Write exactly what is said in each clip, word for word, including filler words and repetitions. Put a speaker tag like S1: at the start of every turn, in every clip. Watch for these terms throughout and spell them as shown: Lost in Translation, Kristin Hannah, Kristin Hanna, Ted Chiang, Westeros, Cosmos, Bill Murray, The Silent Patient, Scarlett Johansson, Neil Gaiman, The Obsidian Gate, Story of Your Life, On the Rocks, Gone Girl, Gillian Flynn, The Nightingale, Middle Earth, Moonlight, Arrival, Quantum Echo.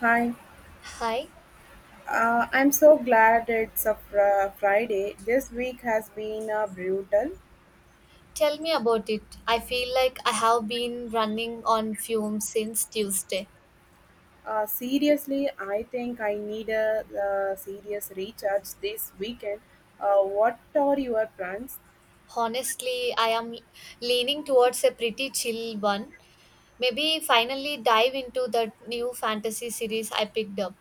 S1: Hi,
S2: Hi,
S1: uh, I'm so glad it's a fr- Friday. This week has been uh, brutal.
S2: tell me about it. I feel like I have been running on fumes since Tuesday.
S1: Uh, seriously, I think I need a uh, serious recharge this weekend. Uh, what are your plans?
S2: Honestly, I am leaning towards a pretty chill one. Maybe finally dive into that new fantasy series I picked up.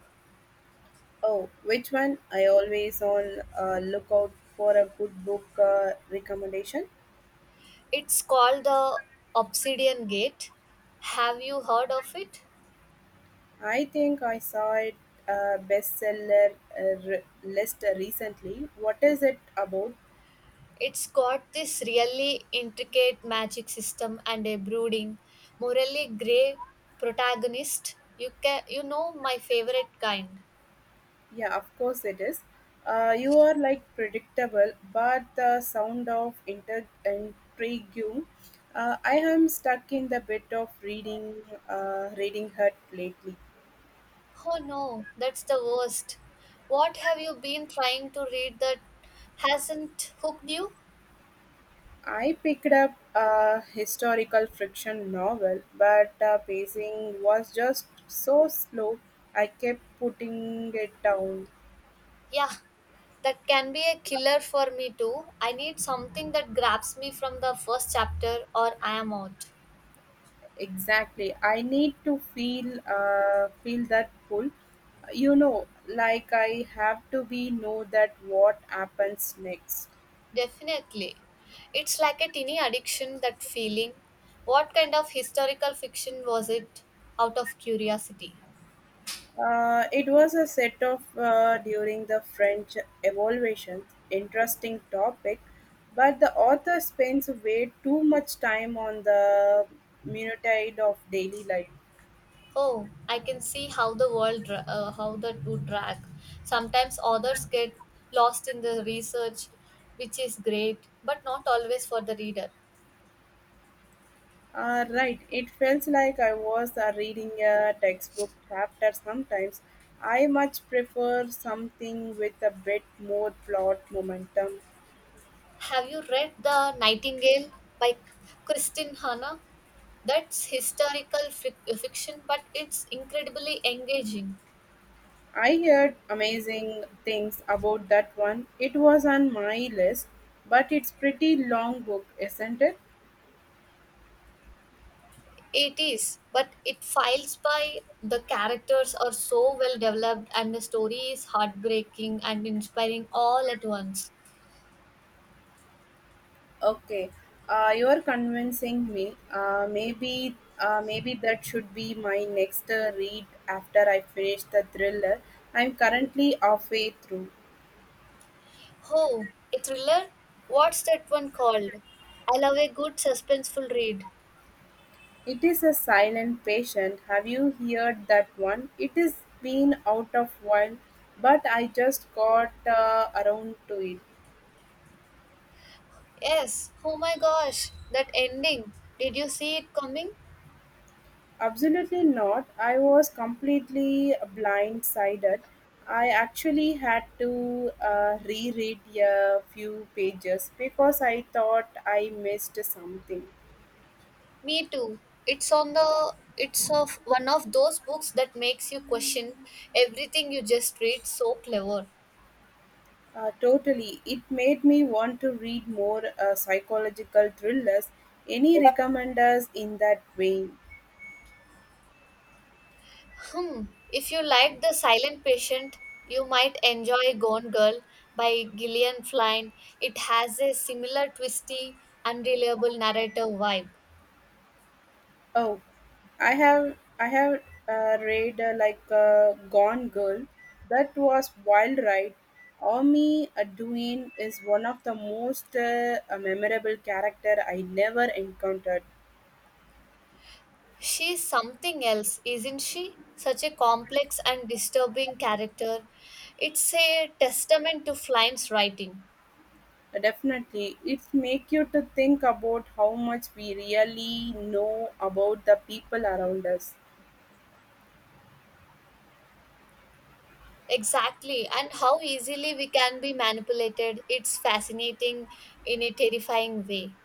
S1: Oh, which one? I always on uh, lookout for a good book uh, recommendation.
S2: It's called The Obsidian Gate. Have you heard of it?
S1: I think I saw it uh, bestseller uh, re- list recently. What is it about?
S2: It's got this really intricate magic system and a brooding, morally grey protagonist. You can you know my favorite kind.
S1: Yeah, of course it is. Uh, you are like predictable, but the sound of inter- intrigue. Uh, I am stuck in the bit of reading, uh, reading hut lately.
S2: Oh no, that's the worst. What have you been trying to read that hasn't hooked you?
S1: I picked up a historical fiction novel, but the pacing was just so slow. I kept putting it down.
S2: Yeah, that can be a killer for me too. I need something that grabs me from the first chapter or I am out.
S1: Exactly. I need to feel uh, feel that pull. You know, like I have to be know that what happens next.
S2: Definitely. It's like a teeny addiction, that feeling. What kind of historical fiction was it? Out of curiosity.
S1: Uh, it was a set of uh, during the French evolution, interesting topic, but the author spends way too much time on the minutiae of daily life.
S2: Oh, I can see how the world, dra- uh, how that would drag. Sometimes authors get lost in the research, which is great, but not always for the reader.
S1: Uh, right, it felt like I was uh, reading a textbook chapter sometimes. I much prefer something with a bit more plot momentum.
S2: Have you read The Nightingale by Kristin Hanna? That's historical fic- fiction, but it's incredibly engaging.
S1: I heard amazing things about that one. It was on my list, but it's pretty long book, isn't it?
S2: It is, but it files by the characters are so well developed and the story is heartbreaking and inspiring all at once.
S1: Okay, uh, you're convincing me. Uh, maybe, uh, maybe that should be my next uh, read after I finish the thriller. I'm currently halfway through.
S2: Oh, a thriller? What's that one called? I love a good suspenseful read.
S1: It's a silent patient, have you heard that one? It's been out of while, but I just got uh, around to it.
S2: Yes, oh my gosh, that ending. Did you see it coming?
S1: Absolutely not. I was completely blindsided. I actually had to uh, reread a few pages because I thought I missed something.
S2: Me too. It's on the it's of one of those books that makes you question everything you just read so clever.
S1: Uh, totally. It made me want to read more uh, psychological thrillers. Any recommenders in that vein?
S2: Hmm. If you like The Silent Patient, you might enjoy Gone Girl by Gillian Flynn. It has a similar twisty, unreliable narrative vibe.
S1: Oh, I have I have uh, read uh, like uh, Gone Girl. That was wild ride. Omi Aduin is one of the most uh, uh, memorable character I never encountered.
S2: She's something else, isn't she? Such a complex and disturbing character. It's a testament to Flynn's writing.
S1: Uh, Definitely, it make you to think about how much we really know about the people around us.
S2: Exactly, and how easily we can be manipulated. It's fascinating in a terrifying way.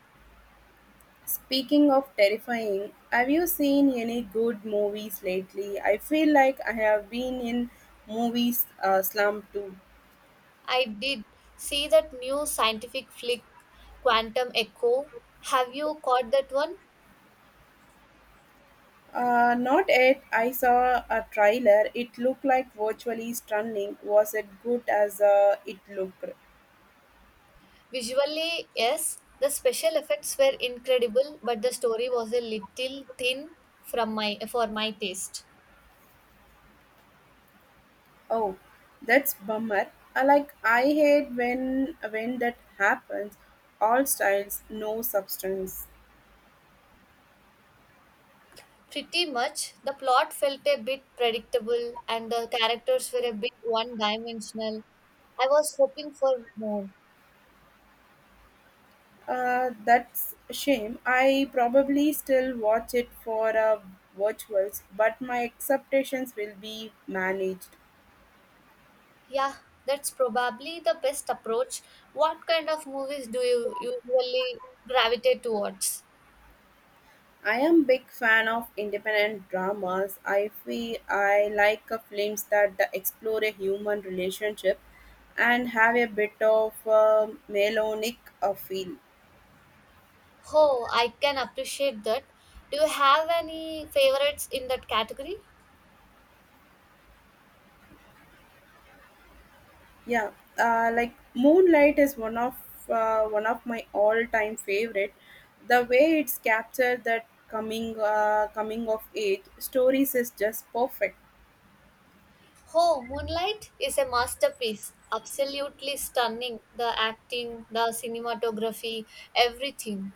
S1: Speaking of terrifying, have you seen any good movies lately? I feel like I have been in movies uh, slump too.
S2: I did see that new scientific flick, Quantum Echo. Have you caught that one?
S1: Uh, not yet. I saw a trailer. It looked like virtually stunning. Was it good as uh, it looked?
S2: Visually, yes, the special effects were incredible, but the story was a little thin from my for my taste.
S1: Oh, that's bummer. I like I hate when when that happens. All styles, no substance.
S2: Pretty much, the plot felt a bit predictable and the characters were a bit one dimensional. I was hoping for more.
S1: Uh, that's a shame. I probably still watch it for uh, virtuals, but my expectations will be managed.
S2: Yeah, that's probably the best approach. What kind of movies do you usually gravitate towards?
S1: I am big fan of independent dramas. I feel I like uh, films that explore a human relationship and have a bit of um melodic uh, feel.
S2: Oh, I can appreciate that. Do you have any favorites in that category?
S1: Yeah, uh, like Moonlight is one of uh, one of my all-time favorite. The way it's captured that coming uh, coming of age stories is just perfect.
S2: Oh, Moonlight is a masterpiece. Absolutely stunning. The acting, the cinematography, everything.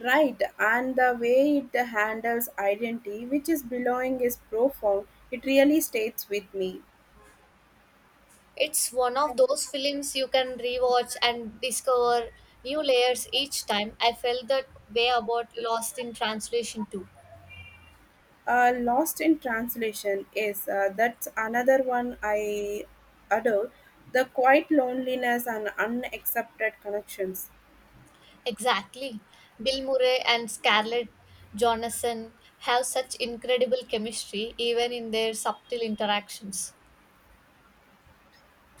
S1: Right, and the way it handles identity, which is belonging, is profound. It really stays with me.
S2: It's one of those films you can rewatch and discover new layers each time. I felt that way about Lost in Translation too.
S1: Uh, Lost in Translation is uh, that's another one I adore. The quiet loneliness and unaccepted connections.
S2: Exactly. Bill Murray and Scarlett Johansson have such incredible chemistry even in their subtle interactions.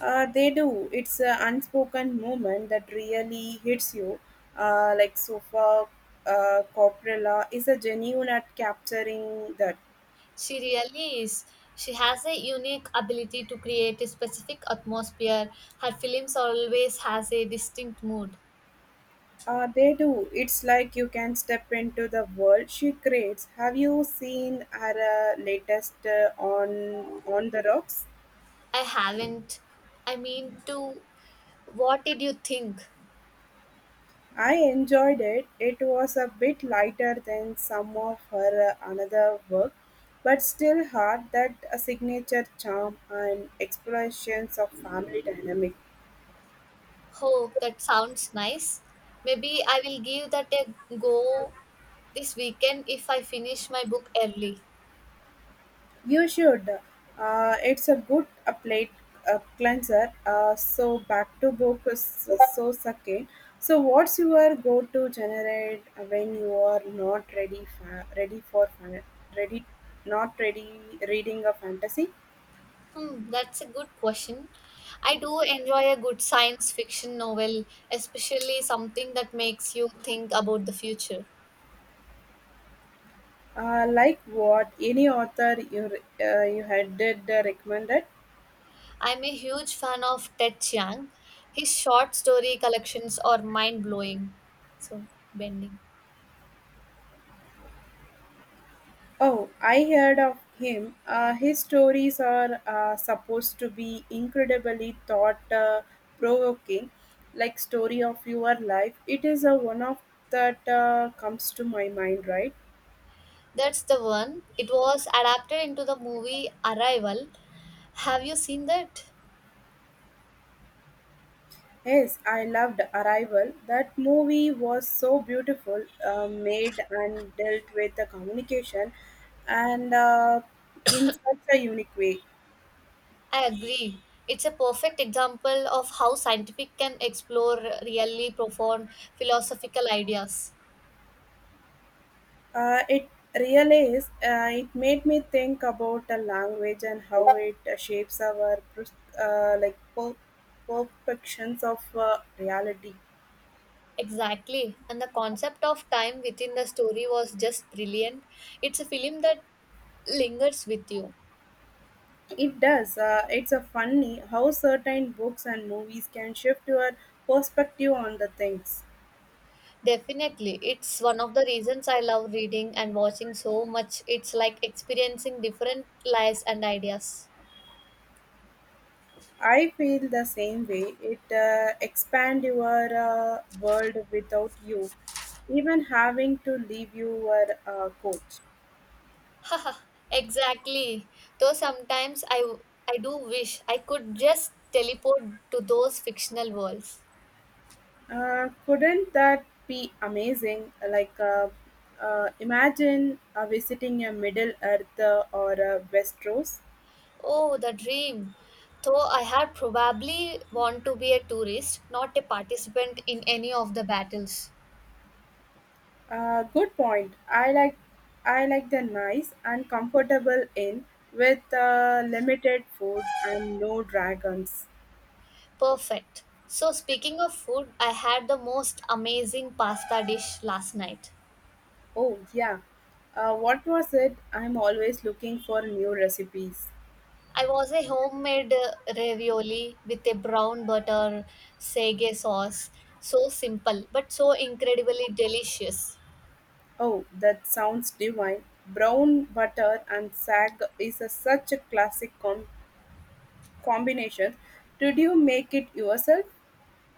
S1: Uh, they do. It's an unspoken moment that really hits you. Uh, like Sofa uh, Coppola is a genuine at capturing that.
S2: She really is. She has a unique ability to create a specific atmosphere. Her films always has a distinct mood.
S1: Uh, they do. It's like you can step into the world she creates. Have you seen her uh, latest uh, on on the rocks?
S2: I haven't. I mean to what did you think?
S1: I enjoyed it. It was a bit lighter than some of her uh, another work, but still had that uh, signature charm and explorations of family dynamic.
S2: Oh, that sounds nice. Maybe I will give that a go this weekend if I finish my book early.
S1: You should. Uh, it's a good a plate a cleanser. Uh, so back to book is so sucking. So what's your go to generate when you are not ready fa- ready for fan- ready not ready reading a fantasy?
S2: Hmm, that's a good question. I do enjoy a good science fiction novel, especially something that makes you think about the future.
S1: Uh, like what any author you re- uh, you had did uh, recommended?
S2: I'm a huge fan of Ted Chiang. His short story collections are mind blowing. So, bending.
S1: Oh, I heard of him. Uh, his stories are uh, supposed to be incredibly thought uh, provoking, like story of your life. It is a one of that uh, comes to my mind, right?
S2: That's the one. It was adapted into the movie Arrival. Have you seen that?
S1: Yes, I loved Arrival. That movie was so beautiful, uh, made and dealt with the communication, and uh, in such a unique way.
S2: I agree. It's a perfect example of how scientific can explore really profound philosophical ideas.
S1: Uh, it really is. Uh, it made me think about the language and how it uh, shapes our pers- uh, like per- perceptions of uh, reality.
S2: Exactly. And the concept of time within the story was just brilliant. It's a film that lingers with you.
S1: It does. Uh, it's a funny how certain books and movies can shift your perspective on the things.
S2: Definitely. It's one of the reasons I love reading and watching so much. It's like experiencing different lives and ideas.
S1: I feel the same way. It uh, expand your uh, world without you even having to leave your uh, coach.
S2: Exactly. Though sometimes I I do wish I could just teleport to those fictional worlds.
S1: Uh, couldn't that be amazing? Like, uh, uh, imagine uh, visiting a Middle Earth uh, or a Westeros.
S2: Oh, the dream. Though I had probably want to be a tourist, not a participant in any of the battles.
S1: Uh, good point. I like, I like the nice and comfortable inn with uh, limited food and no dragons.
S2: Perfect. So, speaking of food, I had the most amazing pasta dish last night.
S1: Oh yeah. Uh, what was it? I'm always looking for new recipes.
S2: I was a homemade uh, ravioli with a brown butter sage sauce. So simple, but so incredibly delicious.
S1: Oh, that sounds divine. Brown butter and sag is a, such a classic combo. Combinations. Did you make it yourself?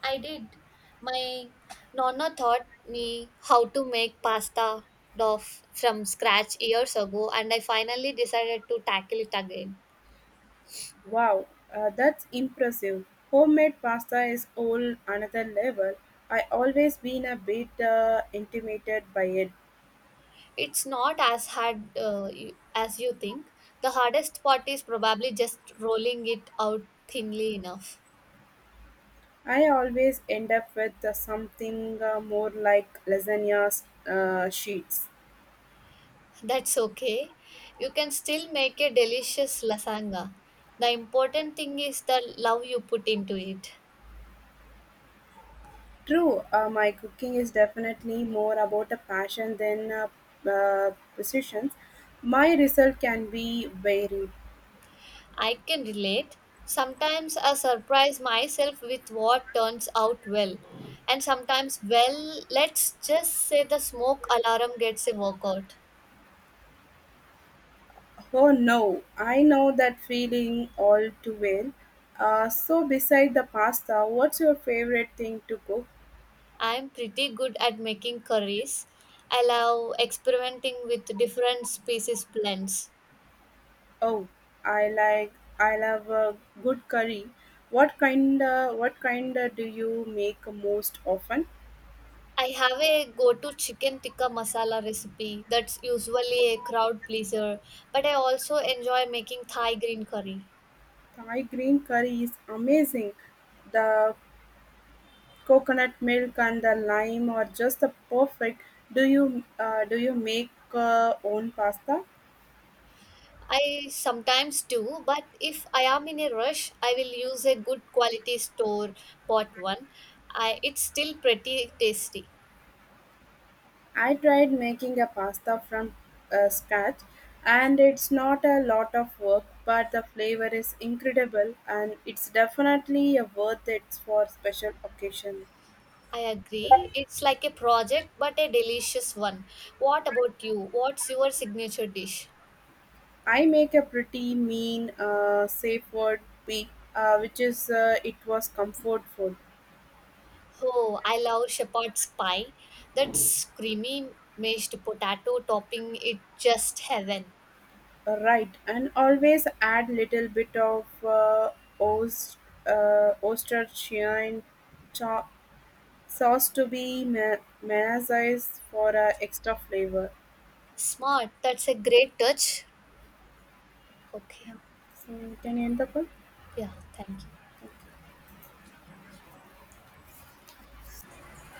S2: I did. My nonna taught me how to make pasta dough from scratch years ago, and I finally decided to tackle it again.
S1: Wow, uh, that's impressive. Homemade pasta is all another level. I always been a bit uh, intimidated by it.
S2: It's not as hard uh, you- as you think. The hardest part is probably just rolling it out thinly enough.
S1: I always end up with uh, something uh, more like lasagna uh, sheets.
S2: That's okay. You can still make a delicious lasagna. The important thing is the love you put into it.
S1: True, uh, my cooking is definitely more about a passion than uh, uh, positions. My result can be varied.
S2: I can relate. Sometimes I surprise myself with what turns out well. And sometimes, well, let's just say the smoke alarm gets a workout.
S1: Oh no, I know that feeling all too well. Uh, so beside the pasta, what's your favorite thing to cook?
S2: I'm pretty good at making curries. I love experimenting with different species blends.
S1: Oh, I like I love a good curry. What kind uh, what kind uh, do you make most often?
S2: I have a go to chicken tikka masala recipe that's usually a crowd pleaser, but I also enjoy making Thai green curry.
S1: Thai green curry is amazing. The coconut milk and the lime are just the perfect. Do you uh, do you make uh, own pasta?
S2: I sometimes do, but if I am in a rush, I will use a good quality store bought one. I, it's still pretty tasty.
S1: I tried making a pasta from uh, scratch and it's not a lot of work but the flavor is incredible and it's definitely a worth it for special occasion.
S2: I agree. It's like a project, but a delicious one. What about you? What's your signature dish?
S1: I make a pretty mean uh, safe word pig uh, which is uh, it was comfort food.
S2: Oh, I love shepherd's pie. That's creamy mashed potato topping. It just heaven.
S1: Uh, right and always add little bit of uh, ost, uh, Ostershine cho- sauce to be ma- mayonnaise for uh, extra flavor.
S2: Smart. That's a great touch.
S1: Yeah.
S2: Okay.
S1: So can you end the call?
S2: Yeah, thank you.